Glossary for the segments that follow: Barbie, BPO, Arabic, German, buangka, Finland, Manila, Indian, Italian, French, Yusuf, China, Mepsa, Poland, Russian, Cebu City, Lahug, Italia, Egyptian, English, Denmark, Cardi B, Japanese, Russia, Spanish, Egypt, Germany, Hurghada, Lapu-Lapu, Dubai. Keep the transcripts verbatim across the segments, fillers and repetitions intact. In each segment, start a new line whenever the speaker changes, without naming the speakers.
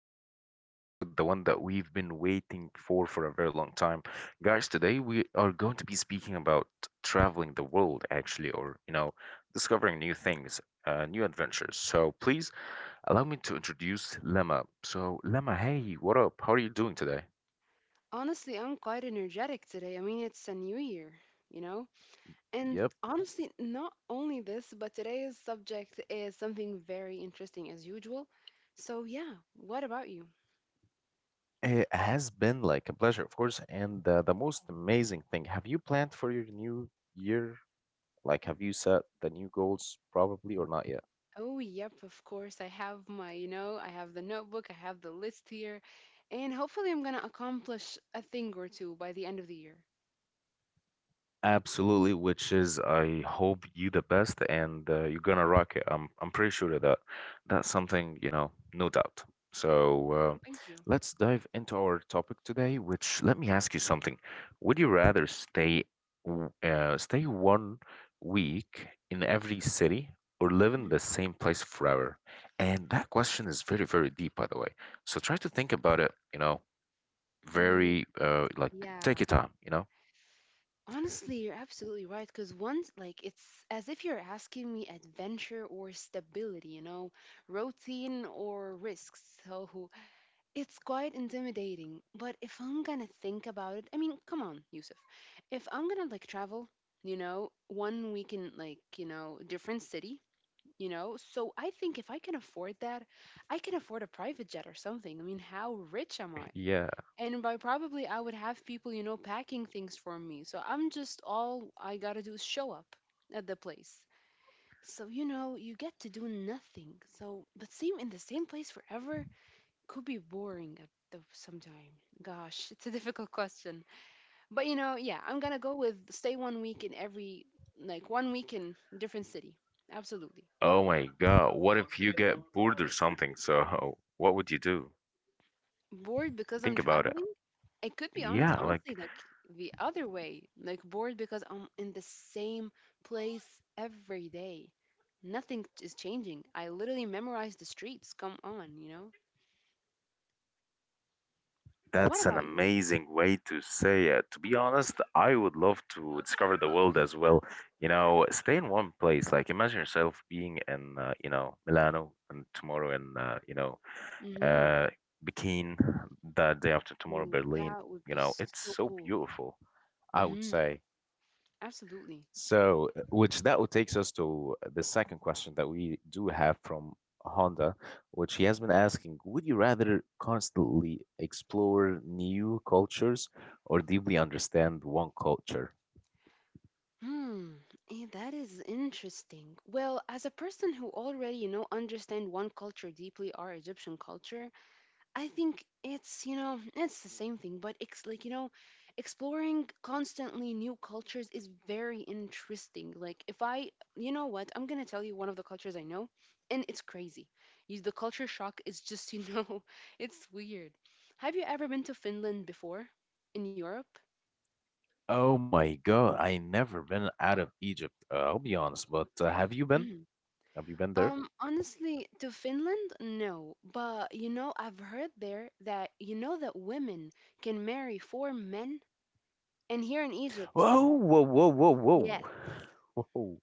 our today's new episode, the one that we've been waiting for for a very long time. Guys, today we are going to be speaking about traveling the world, actually, or, you know, discovering new things, uh, new adventures. So please allow me to introduce Lemma. So, Lemma, hey, what up? How are you doing today?
Honestly, I'm quite energetic today. I mean, it's a new year, you know? And
Yep,
honestly, not only this, but today's subject is something very interesting as usual. So, yeah, what about you?
it has been like a pleasure, of course. And uh, the most amazing thing, have you planned for your new year? Like, have you set the new goals, probably, or not yet?
Oh, yep, of course. I have my, you know, I have the notebook, I have the list here, and hopefully I'm gonna accomplish a thing or two by the end of the year.
Absolutely, which is I hope you the best and uh, you're gonna rock it. I'm I'm pretty sure of that. That's something, you know, no doubt. So uh,
Oh, thank you.
let's dive into our topic today, which let me ask you something. Would you rather stay w- uh, stay one week in every city or live in the same place forever? And that question is very, very deep, by the way. So try to think about it, you know,
Mhm.
very uh like
Yeah.
take your time, you know?
Honestly, you're absolutely right. Because once, like, it's as if you're asking me adventure or stability, you know, routine or risks. So it's quite intimidating. But if I'm gonna think about it, I mean, come on, Yusuf. If I'm gonna, like, travel, you know, one week in, like, you know, different city, you know, so I think if I can afford that, I can afford a private jet or something. I mean, how rich am I?
Yeah.
And by probably I would have people, you know, packing things for me. So I'm just all I gotta do is show up at the place. So you know, you get to do nothing. So but same in the same place forever could be boring at the sometime. Gosh, it's a difficult question. But you know, yeah, I'm gonna go with stay one week in every like one week in different city. Absolutely.
Oh my God. What if you get bored or something? So what would you do?
Bored because I'm
Think about it.
traveling? It could be honest,
Yeah,
honestly,
like.
like the other way, like bored because I'm in the same place every day. Nothing is changing. I literally memorize the streets. Come on, you know?
That's
What
an
about you?
amazing way to say it. To be honest, I would love to discover the world as well. You know, stay in one place. Like imagine yourself being in, uh, you know, Milano, and tomorrow in, uh, you know,
Mm-hmm.
uh, Peking, the day after tomorrow,
Ooh,
Berlin.
that would
You
be
know, it's
so
so
cool.
beautiful, I would
Mm-hmm.
say.
Absolutely.
So, uh, which that would takes us to uh, the second question that we do have from Honda, which he has been asking, would you rather constantly explore new cultures or deeply understand one culture?
Hmm. eh, That is interesting. Well, as a person who already, you know, understand one culture deeply, our Egyptian culture, I think it's you know it's the same thing, but it's like you know, exploring constantly new cultures is very interesting. Like if I, you know what, I'm gonna tell you one of the cultures I know, and it's crazy. You, the culture shock is just you know, it's weird. Have you ever been to Finland before, in Europe?
Oh my God, I never been out of Egypt. Uh, I'll be honest, but uh, have you been?
Mm.
Have you been there?
Um, honestly, to Finland, no. But you know, I've heard there that you know that women can marry four men, and here in Egypt,
Whoa, whoa, whoa, whoa, whoa,
yes.
whoa.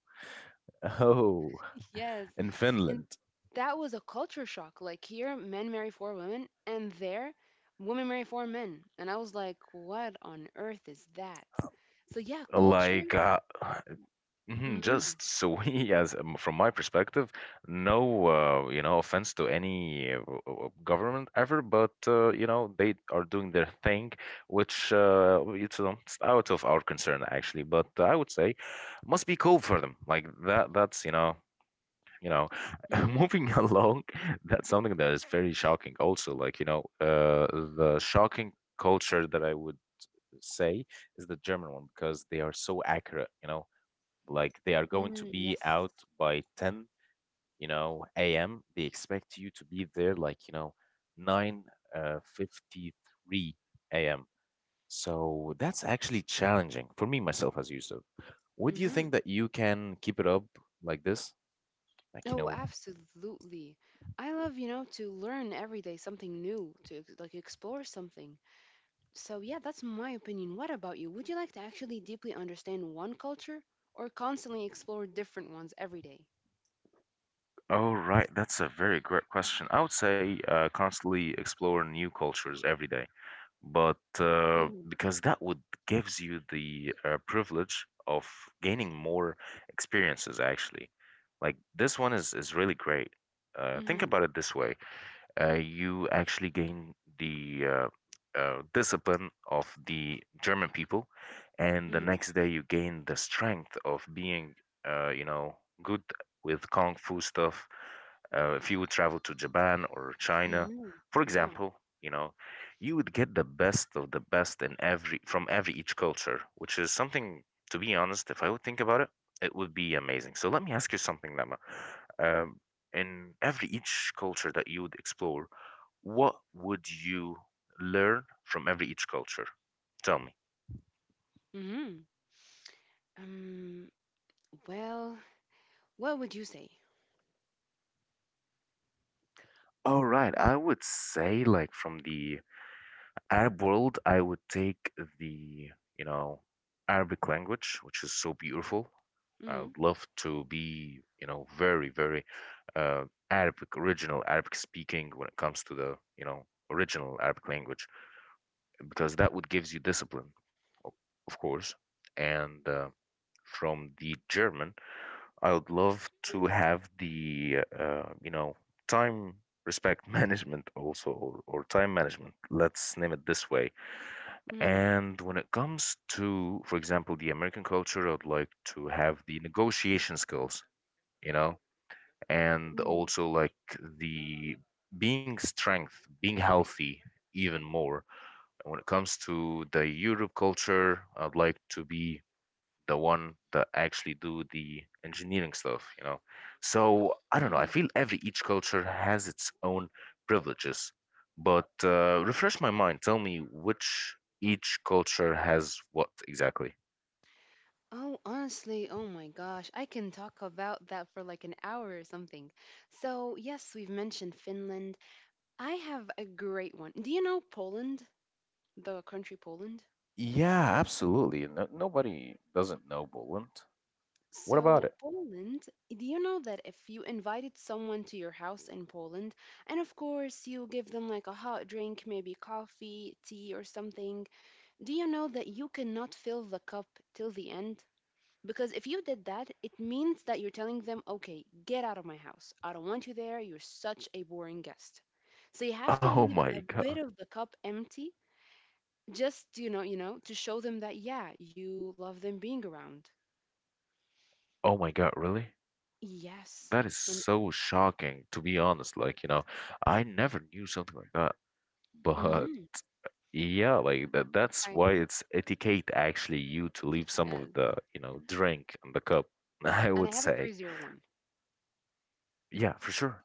Oh,
Yes.
in
And
Finland,
that was a culture shock. Like here, men marry four women, and there, women marry four men. And I was like, what on earth is that? So yeah, culture.
like uh, mhm, just
Mm-hmm.
so we, as um, from my perspective, no, uh, you know, offense to any uh, w- w- government ever, but uh, you know, they are doing their thing, which uh, it's, um, it's out of our concern, actually. But I would say must be cool for them. Like that, that's you know, you know
Mm-hmm.
moving along, that's something that is very shocking also, like you know uh the shocking culture that I would say is the German one, because they are so accurate, you know, like they are going to
Mm,
be
yes.
out by ten, you know, am. They expect you to be there like, you know, nine uh, fifty-three a m. So that's actually challenging for me myself as Yusuf. Would you
Mm-hmm.
think that you can keep it up like this, like, you
Oh,
know?
absolutely. I love, you know, to learn every day something new, to ex- like explore something. So yeah, that's my opinion. What about you? Would you like to actually deeply understand one culture or constantly explore different ones every day?
Oh, right. That's a very great question. I would say uh, constantly explore new cultures every day, but uh,
Mm.
because that would gives you the uh, privilege of gaining more experiences, actually. Like this one is is really great. Uh, think
Mm-hmm.
about it this way. uh, you actually gain the uh, uh, discipline of the German people, and the
Mm,
next day you gain the strength of being, uh, you know, good with kung fu stuff. Uh, if you would travel to Japan or China,
mhm,
for
yeah,
example, you know, you would get the best of the best in every from every each culture, which is something. To be honest, if I would think about it, it would be amazing. So let me ask you something, Lama. Um, in every each culture that you would explore, what would you learn from every each culture? Tell me.
mhm. Um, well, what would you say?
All right, I would say like from the Arab world, I would take the, you know, Arabic language, which is so beautiful. I
Mhm,
would love to be, you know, very, very uh, Arabic, original Arabic speaking when it comes to the, you know, original Arabic language, because that would gives you discipline, o- of course, and uh, from the German, I would love to have the uh, you know, time respect management also, or, or time management, let's name it this way.
mhm,
And when it comes to, for example, the American culture, I would like to have the negotiation skills, you know, and
mhm,
also like the being strength, being healthy even more. And when it comes to the Europe culture, I'd like to be the one that actually do the engineering stuff, you know. So I don't know,
mhm.
I feel every each culture has its own privileges. But uh, refresh my mind, tell me which each culture has what exactly.
Oh, honestly, oh my gosh, I can talk about that for like an hour or something. So, yes, we've mentioned Finland. I have a great one. Do you know Poland? The country Poland?
Yeah, absolutely. No, nobody doesn't know Poland. What about
So,
it?
Poland, do you know that if you invited someone to your house in Poland, and of course you give them like a hot drink, maybe coffee, tea, or something, do you know that you cannot fill the cup till the end? Because if you did that, it means that you're telling them, okay, get out of my house. I don't want you there. You're such a boring guest. So you have to
Oh
leave
my
a
God.
bit of the cup empty just, you know, you know, to show them that, yeah, you love them being around.
Oh my God, really?
Yes.
That is
And
so shocking, to be honest. Like, you know, I never knew something like that. But.
mm-hmm,
Yeah, like that that's
I
why it's etiquette, actually, you to leave some of
Yes.
the, you know, drink in the cup, I
And I
would
have a
say.
crazier one.
Yeah, for sure.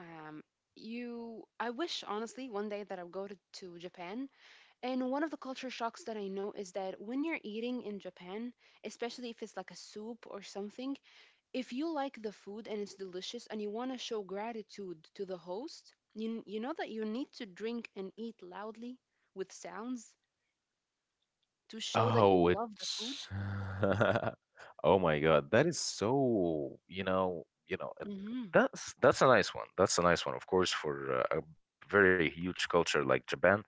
Um, you, I wish honestly one day that I would go to, to Japan. And one of the culture shocks that I know is that when you're eating in Japan, especially if it's like a soup or something, if you like the food and it's delicious and you want to show gratitude to the host, you, you know that you need to drink and eat loudly with sounds to show that you
Oh,
love the food?
it's oh my God, that is so, you know, you know, uh,
Hmm.
that's that's a nice one. That's a nice one, of course, for uh, a very huge culture like Japan,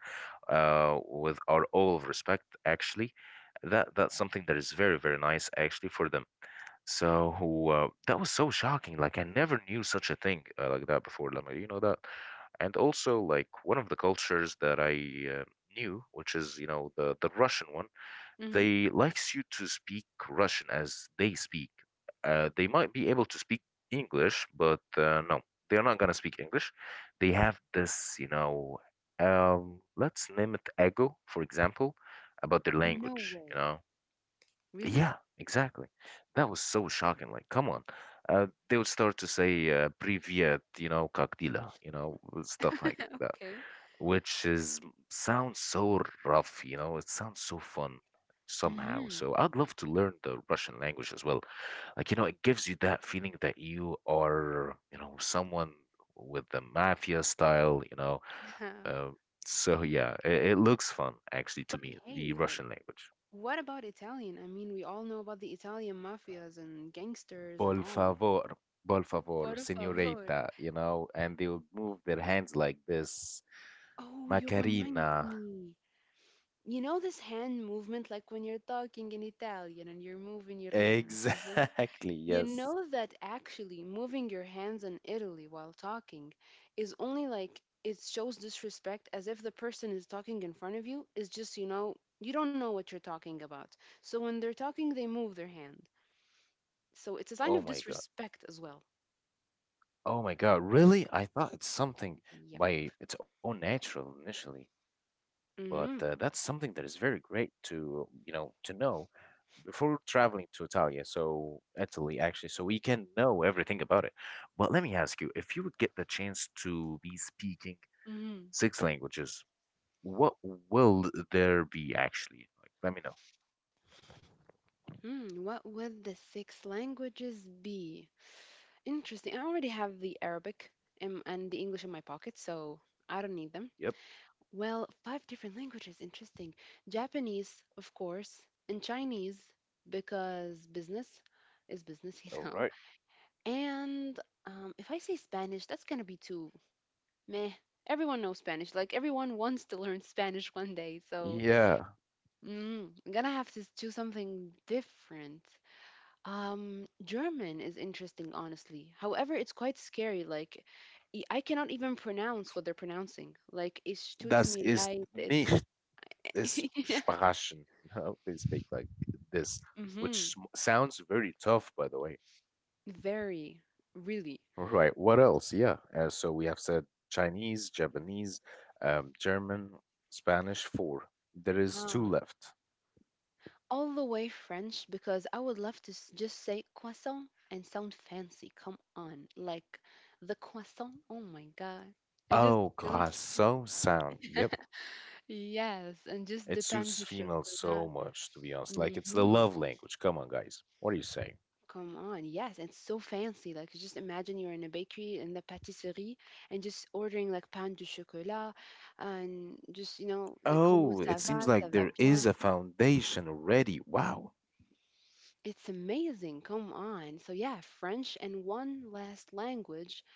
uh, with our all of respect, actually. That that's something that is very, very nice, actually, for them. So uh, that was so shocking. Like I never knew such a thing uh, like that before. Lemma, you know that? And also like one of the cultures that I uh, knew, which is, you know, the the Russian one,
Hmm.
they likes you to speak Russian as they speak. Uh, they might be able to speak English, but uh, no, they're not gonna speak English. They have this, you know, um, let's name it ego, for example, about their
No
language.
way.
You know,
Really?
yeah, exactly. That was so shocking. Like, come on. Uh, they would start to say uh, "Привет," you know, "Как," you know, stuff like that,
Okay.
which is sounds so rough. You know, it sounds so fun somehow.
Hmm.
So I'd love to learn the Russian language as well. Like, you know, it gives you that feeling that you are, you know, someone with the mafia style. You know, uh, so yeah, it, it looks fun actually to
But
me, the
hey, like,
Russian language.
what about Italian? I mean, we all know about the Italian mafias and gangsters and
Por
all.
favor, por favor,
Por favor.
señorita, you know, and they would move their hands like this.
Oh, you reminded
Macarena.
me. You know this hand movement, like when you're talking in Italian and you're moving your hands. This-
Exactly,
You
yes.
know that actually moving your hands in Italy while talking is only like it shows disrespect as if the person is talking in front of you is just, you know, you don't know what you're talking about. So when they're talking, they move their hand. So it's a sign
Oh
of
my God.
disrespect as well.
Oh my God, really? I thought it's something
Yep.
by its own natural initially, but uh,
Mm-hmm.
that's something that is very great to, you know, to know before traveling to Italia, so Italy actually, so we can know everything about it. But let me ask you, if you would get the chance to be speaking
Mm-hmm.
six languages, what will there be actually? Like, let me know.
Hmm, hmm. What would the six languages be? Interesting. I already have the Arabic and, and the English in my pocket, so I don't need them.
Yep.
Well, five different languages. Interesting. Japanese, of course, and Chinese because business is business, you
All
know.
right.
And um, if I say Spanish, that's gonna be too meh. Everyone knows Spanish. Like everyone wants to learn Spanish one day, so
Yeah,
mm, I'm gonna have to do something different. Um, German is interesting, honestly. However, it's quite scary. Like, y- I cannot even pronounce what they're pronouncing. Like, es tut
das
mir
ist
leid. It's
nicht es
yeah.
Sprechen. No, they speak like this, which
Mm-hmm.
sm- sounds very tough, by the way.
Very, really.
Right. What else? Yeah. Uh, so we have said Chinese, Japanese, um, German, Spanish, four. There is two
Ah,
left.
all the way French because I would love to s- just say croissant and sound fancy. Come on, like the croissant. Oh my God, I just
Oh,
feel
God, so sound. Yep.
yes, and just the
It
pain
suits
de
females so
chocolat.
much, to be honest. Like, it's the
Hmm.
love language. Come on, guys. What are you saying?
Come on, yes, it's so fancy. Like, just imagine you're in a bakery in the patisserie and just ordering like pain de chocolat and just, you know, the comment
Oh, it
ça va,
seems like
ça va
there is
bien.
a foundation already. Wow.
It's amazing. Come on. So, yeah, French and one last language.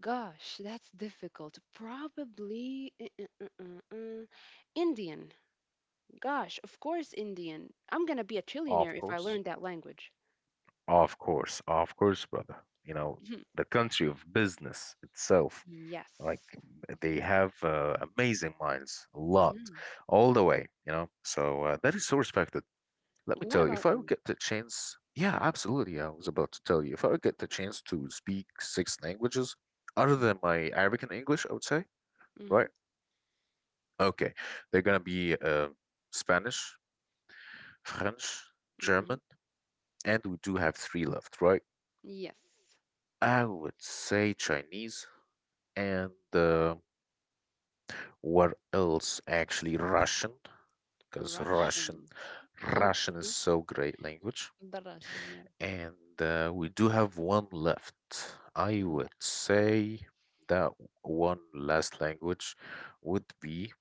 Gosh, that's difficult. Probably uh, uh, uh, uh, uh, Indian. Gosh, of course, Indian. I'm gonna be a
Of
trillionaire if I
course.
learn that language.
Of course, of course, brother. You know, the country of business itself, like
Yes.
they have uh, amazing minds, a lot,
Hmm.
all the way, you know. So uh, that is so respected. Let me
What
tell you, if
about
I would
you?
get the chance, yeah, absolutely. I was about to tell you, if I would get the chance to speak six languages other than my Arabic and English, I would say,
Mm-hmm.
right? Okay, they're gonna be uh, Spanish, French, German,
Hmm.
and we do have three left, right?
Yes,
I would say Chinese and uh, what else? Actually, Russian, because Russian,
Russian.
Russian is
Okay,
so great language.
the Russian, yes.
And uh, we do have one left. I would say that one last language would be.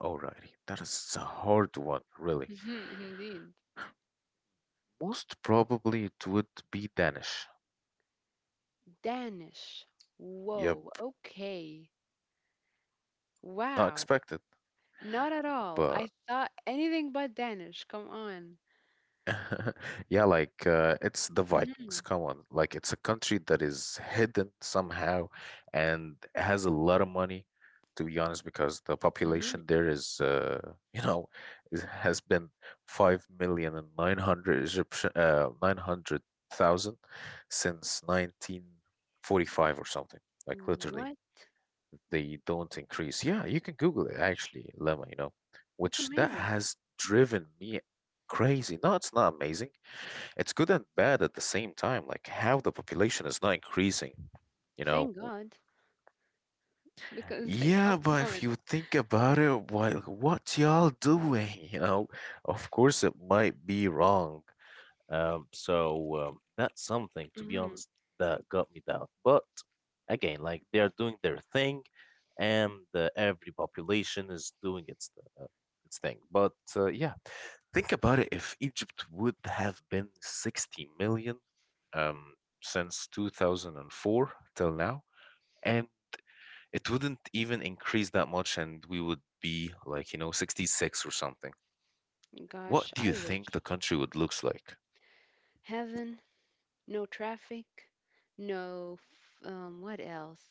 Alrighty, that is a hard one, really.
Yeah, indeed.
Most probably it would be Danish.
Danish.
Yep,
Whoa, okay.
not
Wow,
expected,
not at all.
but
I thought anything but Danish. Come on.
yeah, like uh, it's the Vikings.
Hmm.
Come on, like it's a country that is hidden somehow and has a lot of money, to be honest, because the population
Hmm.
there is, uh, you know, is, has been five million and nine hundred Egyptian, uh, nine hundred thousand since nineteen forty-five or something. Like, literally,
What?
they don't increase. Yeah, you can Google it actually, Lemma. You know,
That's
which that
amazing.
has driven me crazy. No, it's not amazing, it's good and bad at the same time, like how the population is not increasing, you know?
Thank God, because like,
Yeah,
come
but
on.
if you think about it, why, like, what y'all doing? You know, of course it might be wrong, um, so um, that's something, to be
Hmm.
honest, that got me down. But again, like they are doing their thing, and uh, every population is doing its uh, its thing. But uh, yeah, think about it. If Egypt would have been sixty million um, since two thousand four till now, and it wouldn't even increase that much, and we would be like, you know, sixty-six or something.
Gosh,
What do
I
you think
wish.
the country would looks like?
Heaven, no traffic, no, f- um, what else?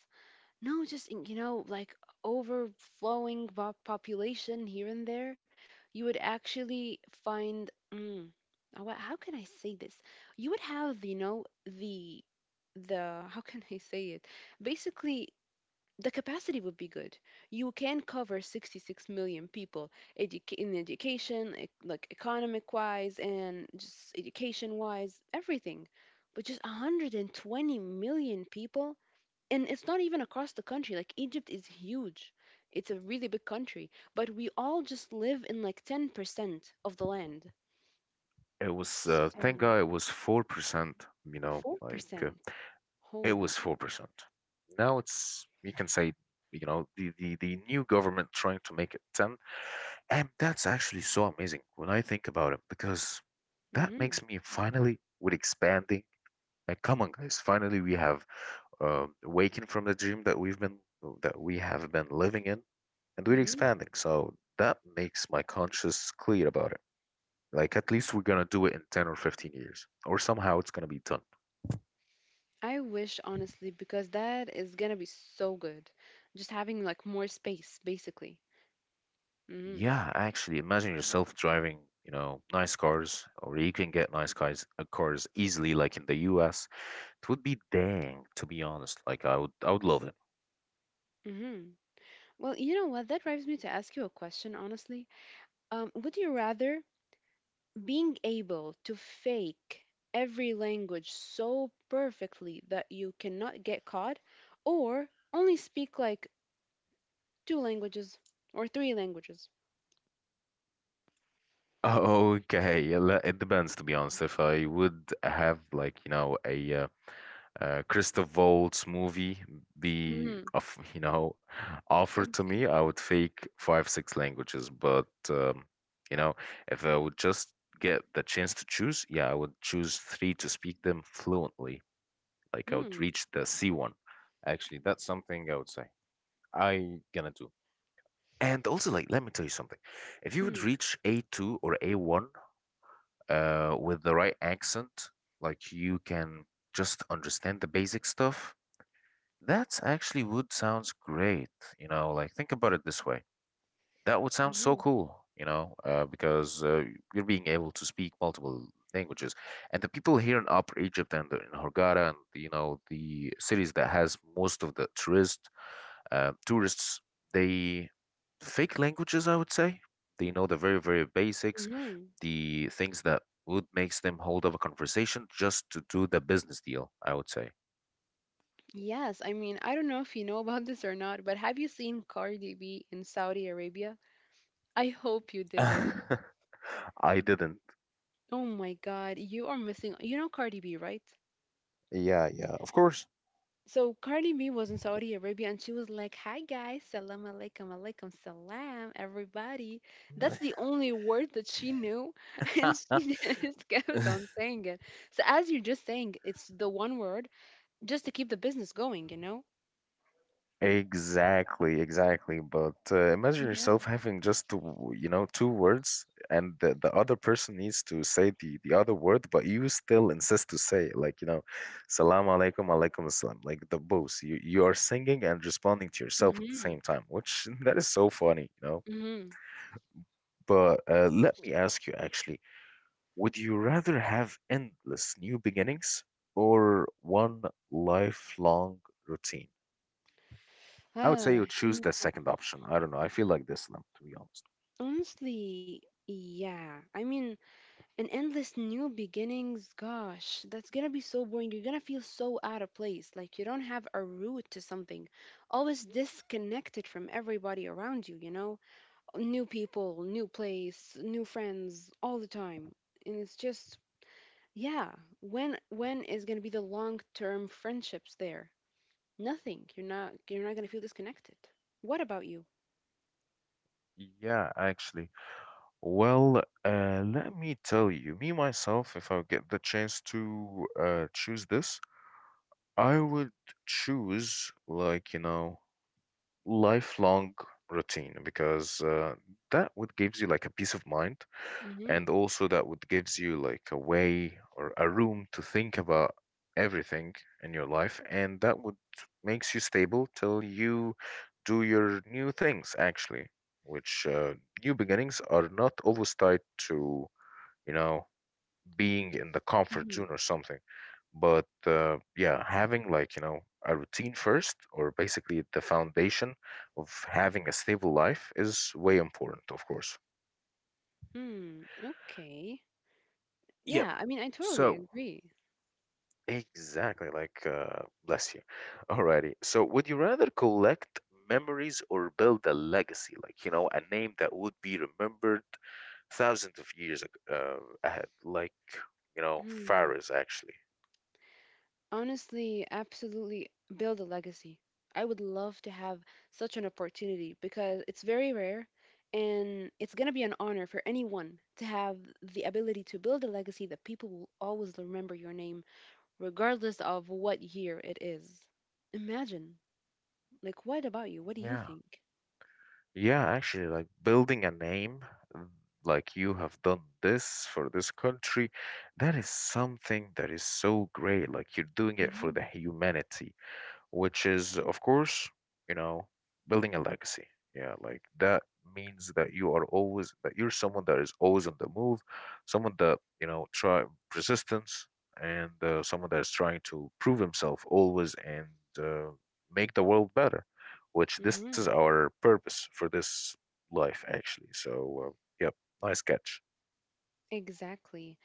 No, just in- you know, like overflowing po- population here and there, you would actually find. Mm, uh, wha- how can I say this? You would have, you know, the the how can I say it? Basically, the capacity would be good. You can cover sixty-six million people educa- in education, e- like economic wise and just education wise, everything. But just one hundred twenty million people, and it's not even across the country. Like Egypt is huge. It's a really big country, but we all just live in like ten percent of the land.
It was uh, thank
So
God it was four percent. You know, like uh,
four percent
it
holy.
was four percent. Now it's, you can say, you know, the, the the new government trying to make it ten, and that's actually so amazing when I think about it because that
Mm-hmm.
makes me finally with expanding. Uh, come on, guys. Finally, we have uh, waking from the dream that we've been that we have been living in, and we're
Mm-hmm.
expanding. So that makes my conscience clear about it. Like at least we're gonna do it in ten or fifteen years, or somehow it's gonna be done.
I wish honestly because that is gonna be so good, just having like more space basically. Mm-hmm.
Yeah, actually, imagine yourself driving, you know, nice cars, or you can get nice cars, uh, cars easily, like in the U S. It would be dang, to be honest. Like I would, I would love it.
Mm-hmm. Well, you know what, that drives me to ask you a question, honestly. Um, would you rather being able to fake every language so perfectly that you cannot get caught, or only speak like two languages or three languages?
Oh, okay. Yeah, le- it depends, to be honest. If I would have, like, you know, a uh, uh, Christoph Waltz movie be
Mm,
of you know offered to
okay.
me, I would fake five six languages. But um, you know, if I would just get the chance to choose, yeah, I would choose three to speak them fluently. Like I would
Mm,
reach the C one. Actually, that's something I would say I gonna do. And also, like, let me tell you something. If you would
mm,
reach A two or A one uh, with the right accent, like you can just understand the basic stuff, that's actually would sounds great. You know, like, think about it this way. That would sound so
mhm,
cool, you know, uh, because uh, you're being able to speak multiple languages. And the people here in Upper Egypt and in Hurghada, and you know, the cities that has most of the tourist uh, tourists, they fake languages, I would say. They know the very, very basics,
mhm.
the things that would makes them hold up a conversation just to do the business deal, I would say.
Yes, I mean, I don't know if you know about this or not, but have you seen Cardi B in Saudi Arabia? I hope you did.
I didn't.
Oh my God, you are missing. You know Cardi B, right?
Yeah, yeah, of course.
So Cardi B was in Saudi Arabia and she was like, "Hi guys, salam alaikum, alaikum salam, everybody." That's the only word that she knew, and she just kept on saying it. So as you're just saying, it's the one word just to keep the business going, you know?
Exactly, exactly. But uh, imagine
Yeah.
yourself having just two, you know, two words, and the, the other person needs to say the, the other word, but you still insist to say it, like, you know, salam alaikum, alaikum assalam, like the both. You you are singing and responding to yourself at the
Mm-hmm.
same time, which that is so funny, you know.
Mm-hmm.
But uh, let me ask you actually, would you rather have endless new beginnings or one lifelong routine? I would say
Uh,
you choose
and
the second option. I don't know. I feel like this lamp, to be honest.
honestly, yeah. I mean, an endless new beginnings, gosh, that's gonna be so boring. You're gonna feel so out of place, like you don't have a root to something, always disconnected from everybody around you, you know, new people, new place, new friends, all the time. And it's just, yeah, when when is gonna be the long term friendships there? Nothing. You're not you're not gonna feel disconnected. What about you?
Yeah, actually. Well, uh, let me tell you, me myself, if I get the chance to uh, choose this, I would choose, like, you know, lifelong routine because uh, that would gives you like a peace of mind, and
Mm-hmm.
also that would gives you like a way or a room to think about everything in your life, and that would makes you stable till you do your new things actually, which uh, new beginnings are not always tied to, you know, being in the comfort zone
Mm-hmm.
or something. But uh, yeah, having like, you know, a routine first, or basically the foundation of having a stable life, is way important, of course.
Hmm. Okay.
Yep.
Yeah, I mean, I totally
So,
agree.
exactly, like, uh, bless you. Alrighty. So, would you rather collect memories or build a legacy, like, you know, a name that would be remembered thousands of years ag- uh, ahead, like, you know,
Hmm.
Faris, actually?
Honestly, absolutely build a legacy. I would love to have such an opportunity because it's very rare and it's going to be an honor for anyone to have the ability to build a legacy that people will always remember your name regardless of what year it is. Imagine, like, what about you? What do you
Yeah.
think?
Yeah, actually, like, building a name, mm, like you have done this for this country, that is something that is so great. Like you're doing it for the
Hmm.
humanity, which is, of course, you know, building a legacy. Yeah, like that means that you are always that you're someone that is always on the move, someone that, you know, try persistence, and uh, someone that is trying to prove himself always and uh, make the world better. Which this is
Hmm.
our purpose for this life, actually. So, uh, yep, nice catch.
Exactly.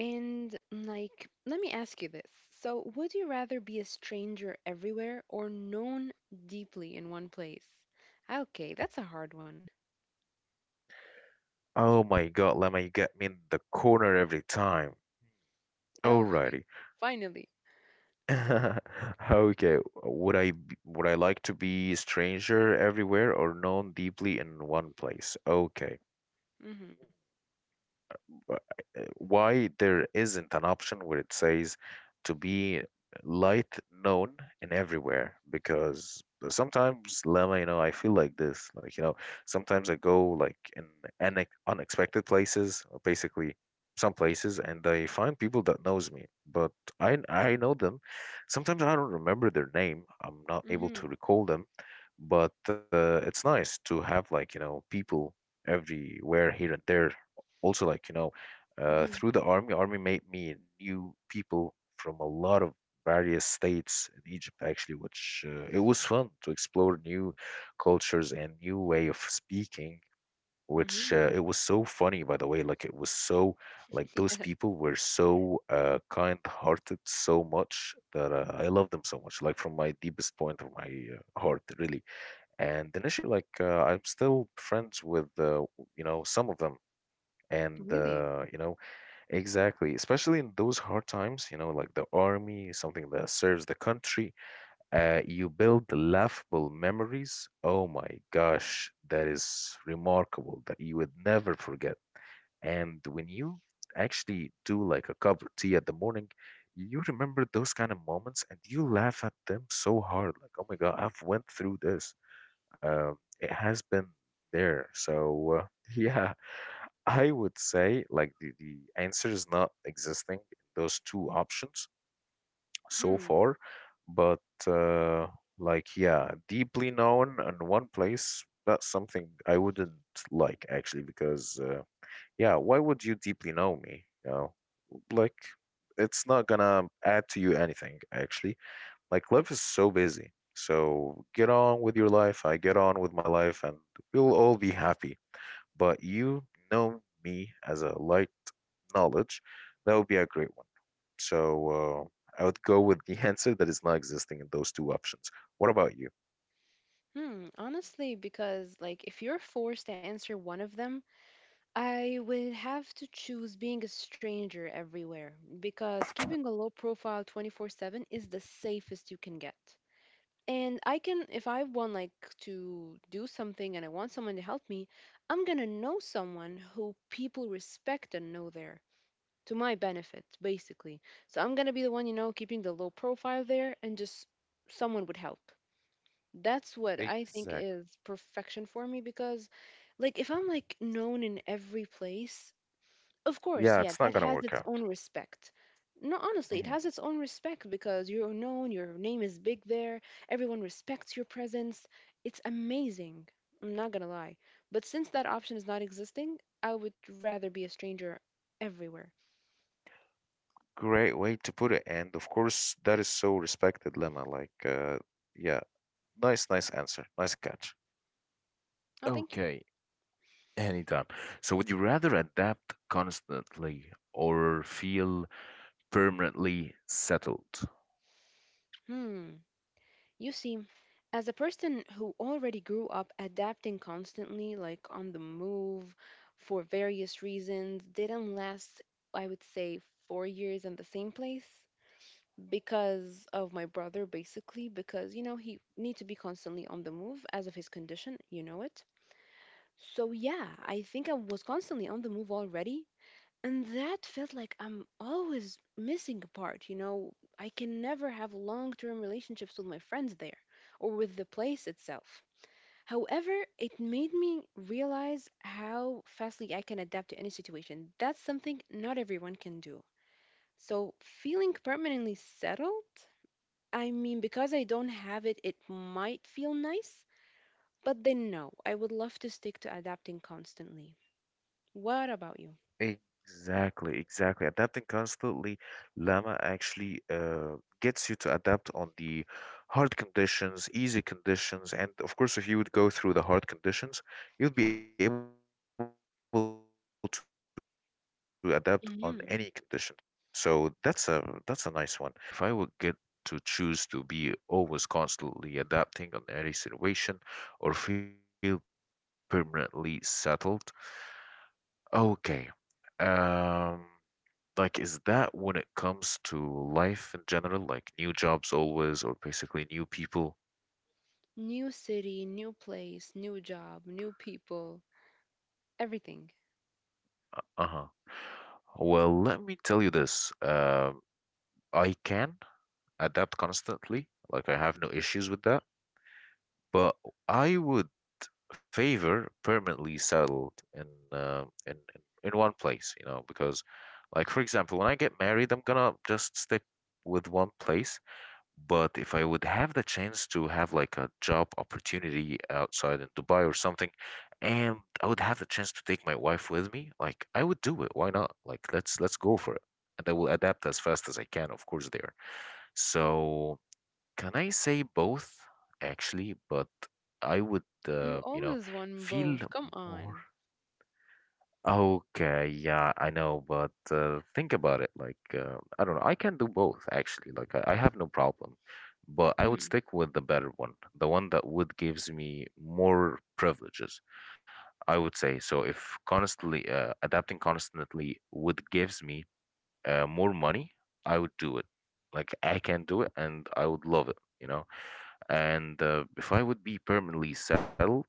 And like, let me ask you this. So, would you rather be a stranger everywhere or known deeply in one place? Okay, that's a hard one.
Oh my God, Lemma, you get me in the corner every time.
Oh,
Alrighty.
finally.
Okay, would I b- would I like to be stranger everywhere or known deeply in one place? Okay,
Mhm.
uh, eh, why there isn't an option where it says to be light known in everywhere, because sometimes Lama, you know, I feel like this. Like, you know, sometimes I go like in une- unexpected places, or basically some places, and I find people that knows me, but I I know them. Sometimes I don't remember their name. I'm not able to
Mhm.
recall them, but uh, it's nice to have, like, you know, people everywhere here and there. Also, like, you know, uh,
Mhm.
through the army, army made me new people from a lot of various states in Egypt, actually, which uh, it was fun to explore new cultures and new way of speaking. Which uh,
Mhm.
it was so funny, by the way. Like, it was so like those people were so uh, kind-hearted so much that uh, I love them so much. Like from my deepest point of my uh, heart, really. And initially, like uh, I'm still friends with uh, you know, some of them,
Yeah,
and
really.
uh, you know. Exactly, especially in those hard times, you know, like the army, something that serves the country. Uh, you build laughable memories. Oh my gosh, that is remarkable that you would never forget. And when you actually do like a cup of tea at the morning, you remember those kind of moments and you laugh at them so hard. Like, oh my God, I've went through this. Um, it has been there. So, uh, yeah, I would say like the, the answer is not existing in those two options so
Hmm.
far, but uh, like, yeah, deeply known in one place, that's something I wouldn't like actually because uh, yeah, why would you deeply know me? You know, like, it's not gonna add to you anything actually. Like life is so busy. So get on with your life. I get on with my life and we'll all be happy. But you know me as a light knowledge. That would be a great one. So uh, I would go with the answer that is not existing in those two options. What about you?
Hmm. Honestly, because like if you're forced to answer one of them, I would have to choose being a stranger everywhere because keeping a low profile twenty-four seven is the safest you can get. And I can, if I want, like to do something and I want someone to help me, I'm gonna know someone who people respect and know there to my benefit basically. So I'm gonna be the one, you know, keeping the low profile there, and just someone would help. That's what I think
Exactly.
is perfection for me. Because like if I'm like known in every place, of course,
Yeah,
yeah,
it's not
that
gonna
has
work
its own
out.
respect. No, honestly, it
Mhm.
has its own respect because you're known, your name is big there, everyone respects your presence. It's amazing. I'm not gonna lie. But since that option is not existing, I would rather be a stranger everywhere.
Great way to put it. And of course, that is so respected, Lemma. Like, uh, yeah, nice, nice answer. Nice catch.
Oh, thank you.
Okay. Anytime. So would you rather adapt constantly or feel permanently settled?
Hmm. You see, as a person who already grew up adapting constantly, like on the move for various reasons, didn't last, I would say, four years in the same place. Because of my brother basically, because you know he need to be constantly on the move as of his condition, you know it. So yeah, I think I was constantly on the move already, and that felt like I'm always missing a part, you know. I can never have long-term relationships with my friends there, or with the place itself. However, it made me realize how fastly I can adapt to any situation. That's something not everyone can do. So feeling permanently settled, I mean, because I don't have it, it might feel nice, but then no, I would love to stick to adapting constantly. What about you?
Exactly, exactly. Adapting constantly, Llama actually uh, gets you to adapt on the hard conditions, easy conditions, and of course, if you would go through the hard conditions, you'd be able to adapt on any condition. So that's a that's a nice one. And
Hmm.
what about me actually? Like, let me tell you this. Uh, if I would get to choose to be always constantly adapting on any situation or feel permanently settled, okay. Um, like, is that when it comes to life in general, like new jobs always, or basically new people?
New city, new place, new job, new people, everything.
Uh-huh. Well, let me tell you this. Um, I can adapt constantly. Like, I have no issues with that. But I would favor permanently settled in uh, in in in one place, you know, because, like, for example, when I get married, I'm gonna just stick with one place. But if I would have the chance to have like a job opportunity outside in Dubai or something, and I would have the chance to take my wife with me, like, I would do it. Why not? Like, let's let's go for it. And I will adapt as fast as I can, of course, there. So can I say both actually? But I would
You
uh, you
always
know,
want both.
feel
Come on.
more. Okay, yeah, I know, but uh, think about it. Like, uh, I don't know, I can do both actually. Like, I, I have no problem, but I would
Mm-hmm.
stick with the better one, the one that would gives me more privileges, I would say. So if constantly uh, adapting constantly would gives me uh, more money, I would do it. Like, I can do it, and I would love it, you know, and uh, if I would be permanently settled,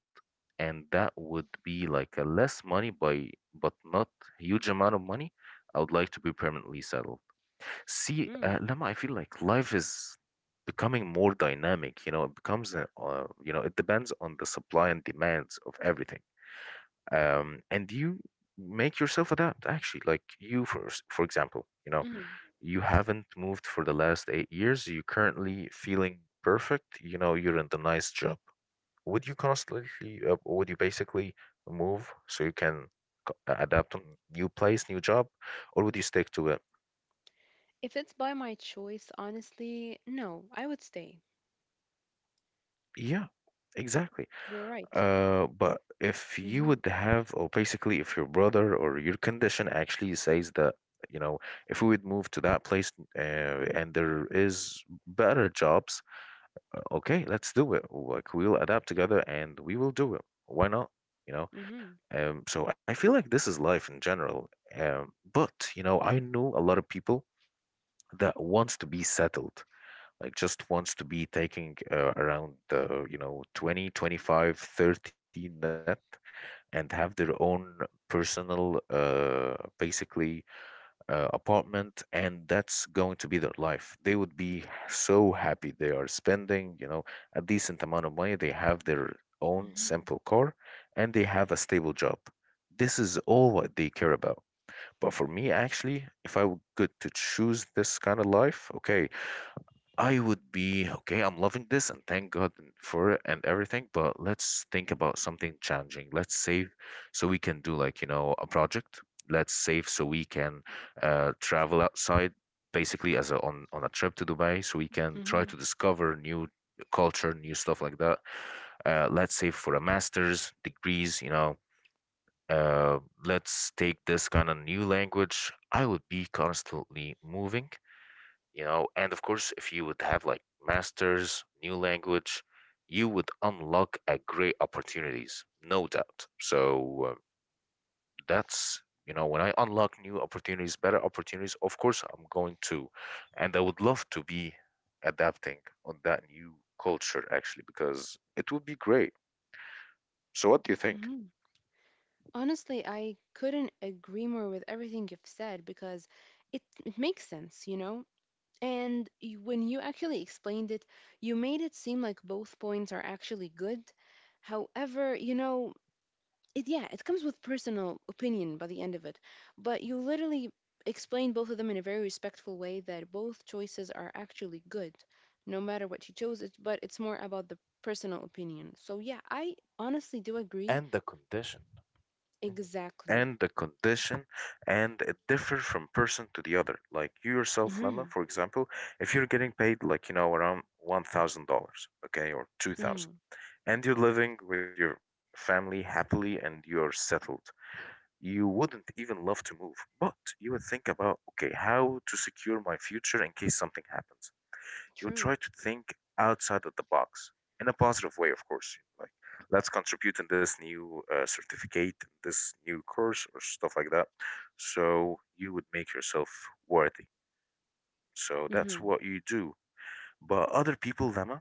and that would be like a less money by but not huge amount of money, I would like to be permanently settled. See,
Mm.
uh, Lama, I feel like life is becoming more dynamic. You know, it becomes a, uh, you know, it depends on the supply and demands of everything. Um, and you make yourself adapt. Actually, like you, for s- for example, you know,
Mm.
you haven't moved for the last eight years. You're currently feeling perfect. You know, you're in the nice job. Would you constantly uh, would you basically move so you can c- uh, adapt on new place, new job? Or would you stick to it?
If it's by my choice, honestly, no, I would stay.
Yeah, exactly.
You're right.
Uh but if you
Mm-hmm.
would have or basically if your brother or your condition actually says that, you know, if we would move to that place, uh, and there is better jobs. Uh, okay, let's do it, like, we'll adapt together and we will do it. Why not, you know?
Mm-hmm.
Um, so I feel like this is life in general. Um, but, you know, I know a lot of people that wants to be settled, like just wants to be taking uh, around the, you know, twenty, twenty five, thirty twenty five, net, and have their own personal, uh, basically uh, apartment. And that's going to be their life. They would be so happy. They are spending, you know, a decent amount of money. They have their own simple car and they have a stable job. This is all what they care about. But for me, actually, if I were good to choose this kind of life, okay, I would be okay. I'm loving this and thank God for it and everything, but let's think about something challenging. Let's save so we can do, like, you know, a project. Let's save so we can, uh, travel outside, basically as a on on a trip to Dubai, so we can try to
Mm-hmm.
discover new culture, new stuff like that. Uh, let's save for a master's degrees, you know. Uh, let's take this kind of new language. I would be constantly moving, you know. And of course, if you would have like masters, new language, you would unlock a great opportunities, no doubt. So, um, that's, you know, when I unlock new opportunities, better opportunities, of course, I'm going to, and I would love to be adapting on that new culture actually, because it would be great. So what do you think?
Mm-hmm. Honestly, I couldn't agree more with everything you've said, because it, it makes sense, you know? And y- when you actually explained it, you made it seem like both points are actually good. However, you know, it, yeah, it comes with personal opinion by the end of it. But you literally explained both of them in a very respectful way that both choices are actually good, no matter what you chose, it, but it's more about the personal opinion. So, yeah, I honestly do agree
And the condition. Mhm.
exactly.
And the condition. And it differs from person to the other. Like, you yourself, Lemma,
Mhm.
for example, if you're getting paid, like, you know, around one thousand dollars, okay, or
Mm,
two thousand, and you're living with your family happily and you're settled, you wouldn't even love to move. But you would think about, okay, how to secure my future in case something happens. You
true.
try to think outside of the box, in a positive way, of course. Like, let's contribute in this new, uh, certificate, this new course, or stuff like that. So you would make yourself worthy. So that's
Mm-hmm.
what you do. But other people, Lemma,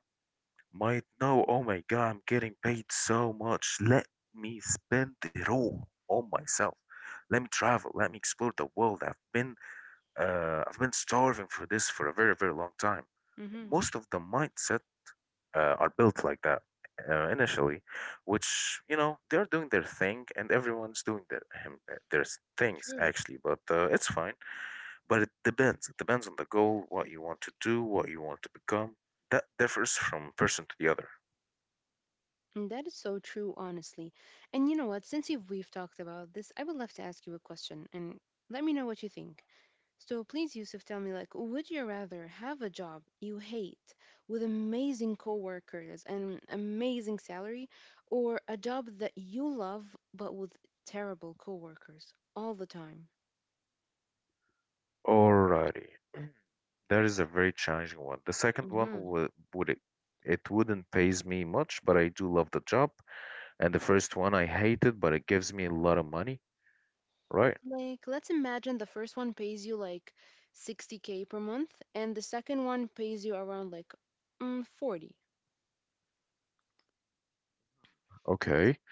might know, oh my God, I'm getting paid so much. Let me spend it all on myself. Let me travel. Let me explore the world. I've been, uh, I've been starving for this for a very, very long time.
Mm-hmm.
Most of the mindset, uh, are built like that, uh, initially, which, you know, they're doing their thing and everyone's doing their him- uh, their s- things
True.
actually, but uh, it's fine. But it depends. It depends on the goal, what you want to do, what you want to become. That differs from person to the other.
And that is so true, honestly. And you know what? Since you've, we've talked about this, I would love to ask you a question and let me know what you think. So please, Yusuf, tell me, like, would you rather have a job you hate with amazing coworkers and amazing salary, or a job that you love but with terrible coworkers all the time?
Alrighty, that is a very challenging one. The second one,
Mm-hmm.
would would it it wouldn't pays me much, but I do love the job. And the first one I hated, but it gives me a lot of money, right?
Like, let's imagine the first one pays you like sixty k per month, and the second one pays you around like mm, forty.
Okay.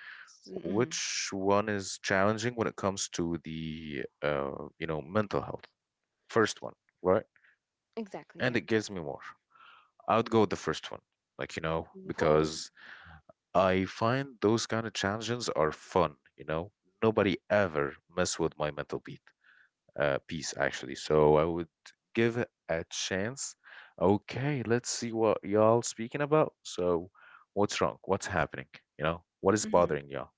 Mm-hmm.
Which one is challenging when it comes to the, uh, you know, mental health? First one, right?
Exactly,
And it
yeah.
gives me more. I would go with the first one. Like, you know,
Whoa.
because I find those kind of challenges are fun, you know? Nobody ever mess with my mental beat, uh, piece actually. So I would give it a chance. Okay, let's see what y'all speaking about. So what's wrong? What's happening? You know, what is
Mm-hmm.
bothering y'all?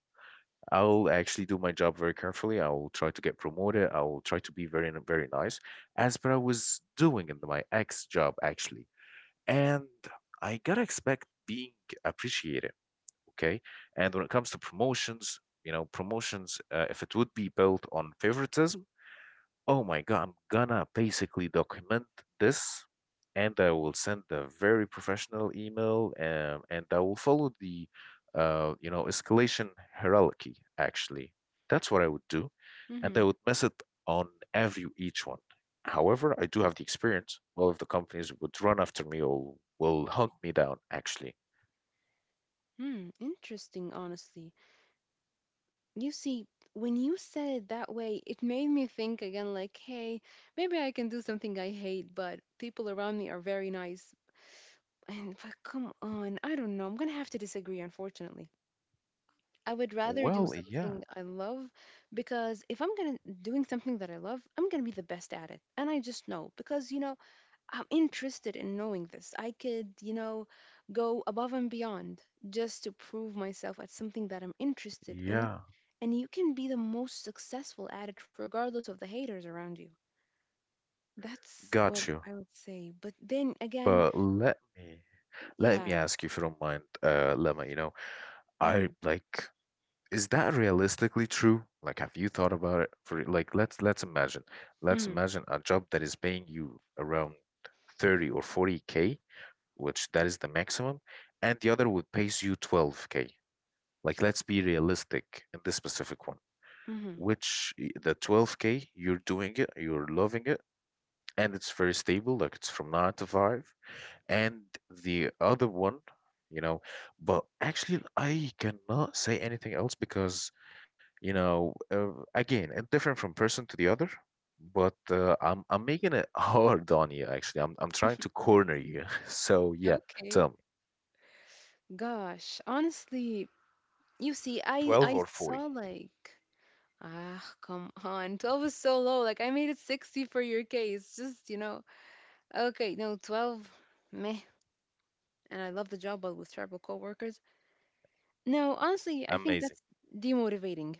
I'll actually do my job very carefully. I will try to get promoted. I will try to be very, very nice, as per I was doing in my ex job, actually. And I gotta expect being appreciated, okay? And when it comes to promotions, you know, promotions, uh, if it would be built on favoritism, oh my God, I'm gonna basically document this, and I will send a very professional email, um, and I will follow the, uh, you know, escalation hierarchy actually. That's what I would do. And I would
Mm-hmm.
mess it on every each one. However, I do have the experience. Well, if the companies would run after me or will hunt me down, actually.
Hmm. Interesting, honestly. You see, when you said it that way, it made me think again, like, hey, maybe I can do something I hate, but people around me are very nice. And but come on, I don't know. I'm gonna have to disagree, unfortunately. I would rather do
Well, yeah,
something I love, because if I'm gonna doing something that I love, I'm gonna be the best at it. And I just know because you know, I'm interested in knowing this. I could, you know, go above and beyond just to prove myself at something that I'm interested in.
yeah,
And you can be the most successful at it regardless of the haters around you. That's what
got
I
you.
would say. But then again,
But let me let
yeah.
me ask you, if you don't mind, uh, Lemma, you know,
Mm,
I like is that realistically true? Like, have you thought about it? For like, let's let's imagine, let's
mm,
imagine a job that is paying you around thirty or forty k, which that is the maximum, and the other would pays you twelve k. Like, let's be realistic in this specific one.
mm.
Which y- the twelve k, you're doing it, you're loving it, and it's very stable, like it's from nine to five. And the other one, you know, but actually, I cannot say anything else because, you know, uh, again, it's different from person to the other, but uh, I'm I'm making it hard on you actually. I'm I'm trying to corner
Yes.
you. So yeah,
Okay.
tell me,
Gosh, honestly, you see, I
twelve
I
or
saw
forty?
like ah come on, twelve is so low. Like I made it sixty for your case. Just you know, okay, no twelve, meh. And I love the job, but with terrible coworkers. No, honestly, I think
Amazing.
that's demotivating.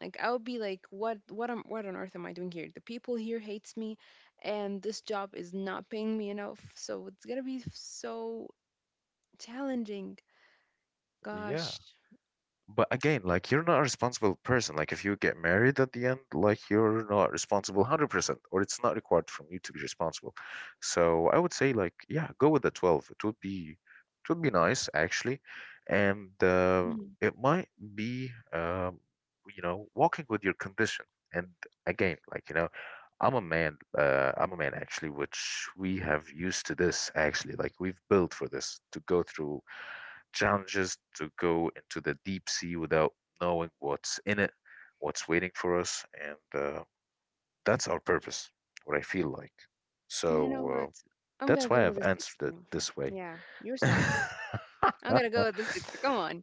Like I would be like, what what am what on earth am I doing here? The people here hates me, and this job is not paying me enough. So it's gonna be so challenging.
Yeah.
Gosh.
But again, like, you're not a responsible person. Like, if you get married at the end, like, you're not responsible a hundred percent, or it's not required from you to be responsible. So I would say, like, yeah, go with the twelve. It would be it would be nice actually. And uh, it might be, um, you know, walking with your condition. And again, like, you know, I'm a man, uh, I'm a man actually, which we have used to this actually. Like, we've built for this to go through challenges, to go into the deep sea without knowing what's in it, what's waiting for us, and uh, that's our purpose, what I feel like.
You know
So
what?
uh,
I'm gonna
that's
go
why
with
I've
the
answered
sixty.
it this way.
Yeah, you're smart. I'm gonna go with the sixty. Come on.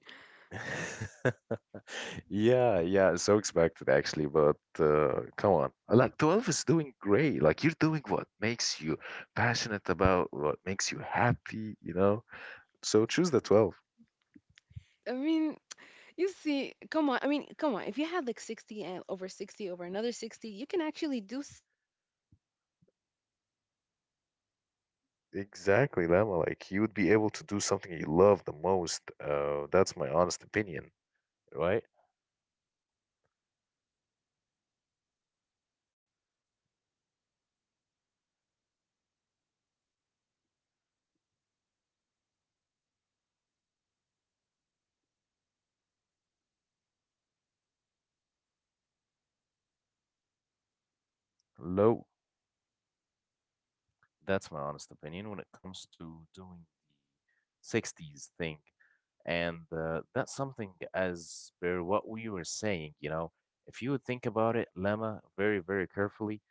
Yeah, yeah, so expected actually, but uh, come on. Like, twelve is doing great. Like, you're doing what makes you passionate about, what makes you happy, you know? So choose the twelve.
I mean, you see, come on. I mean, come on. If you had like sixty and over sixty over another sixty, you can actually do something else with that one. Like maybe even a private business.
Exactly,
So,
Lama.
boom.
Like, you would be able to do
Yeah, you're
something you
mega
love the
rich.
most. Uh, that's
And I'm
my
always
honest
here for the
opinion,
business. So, you know,
right? Low, that's my honest opinion when it comes to doing sixties thing. And uh, that's something as per what we were saying, you know, if you would think about it, Lemma, very, very carefully,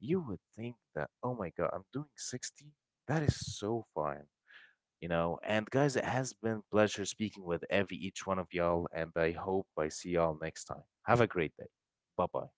you would think that, oh my God, I'm doing sixty. That is so fine. You know. And guys, it has been pleasure speaking with every each one of y'all, and I hope I see y'all next time. Have a great day. Bye bye.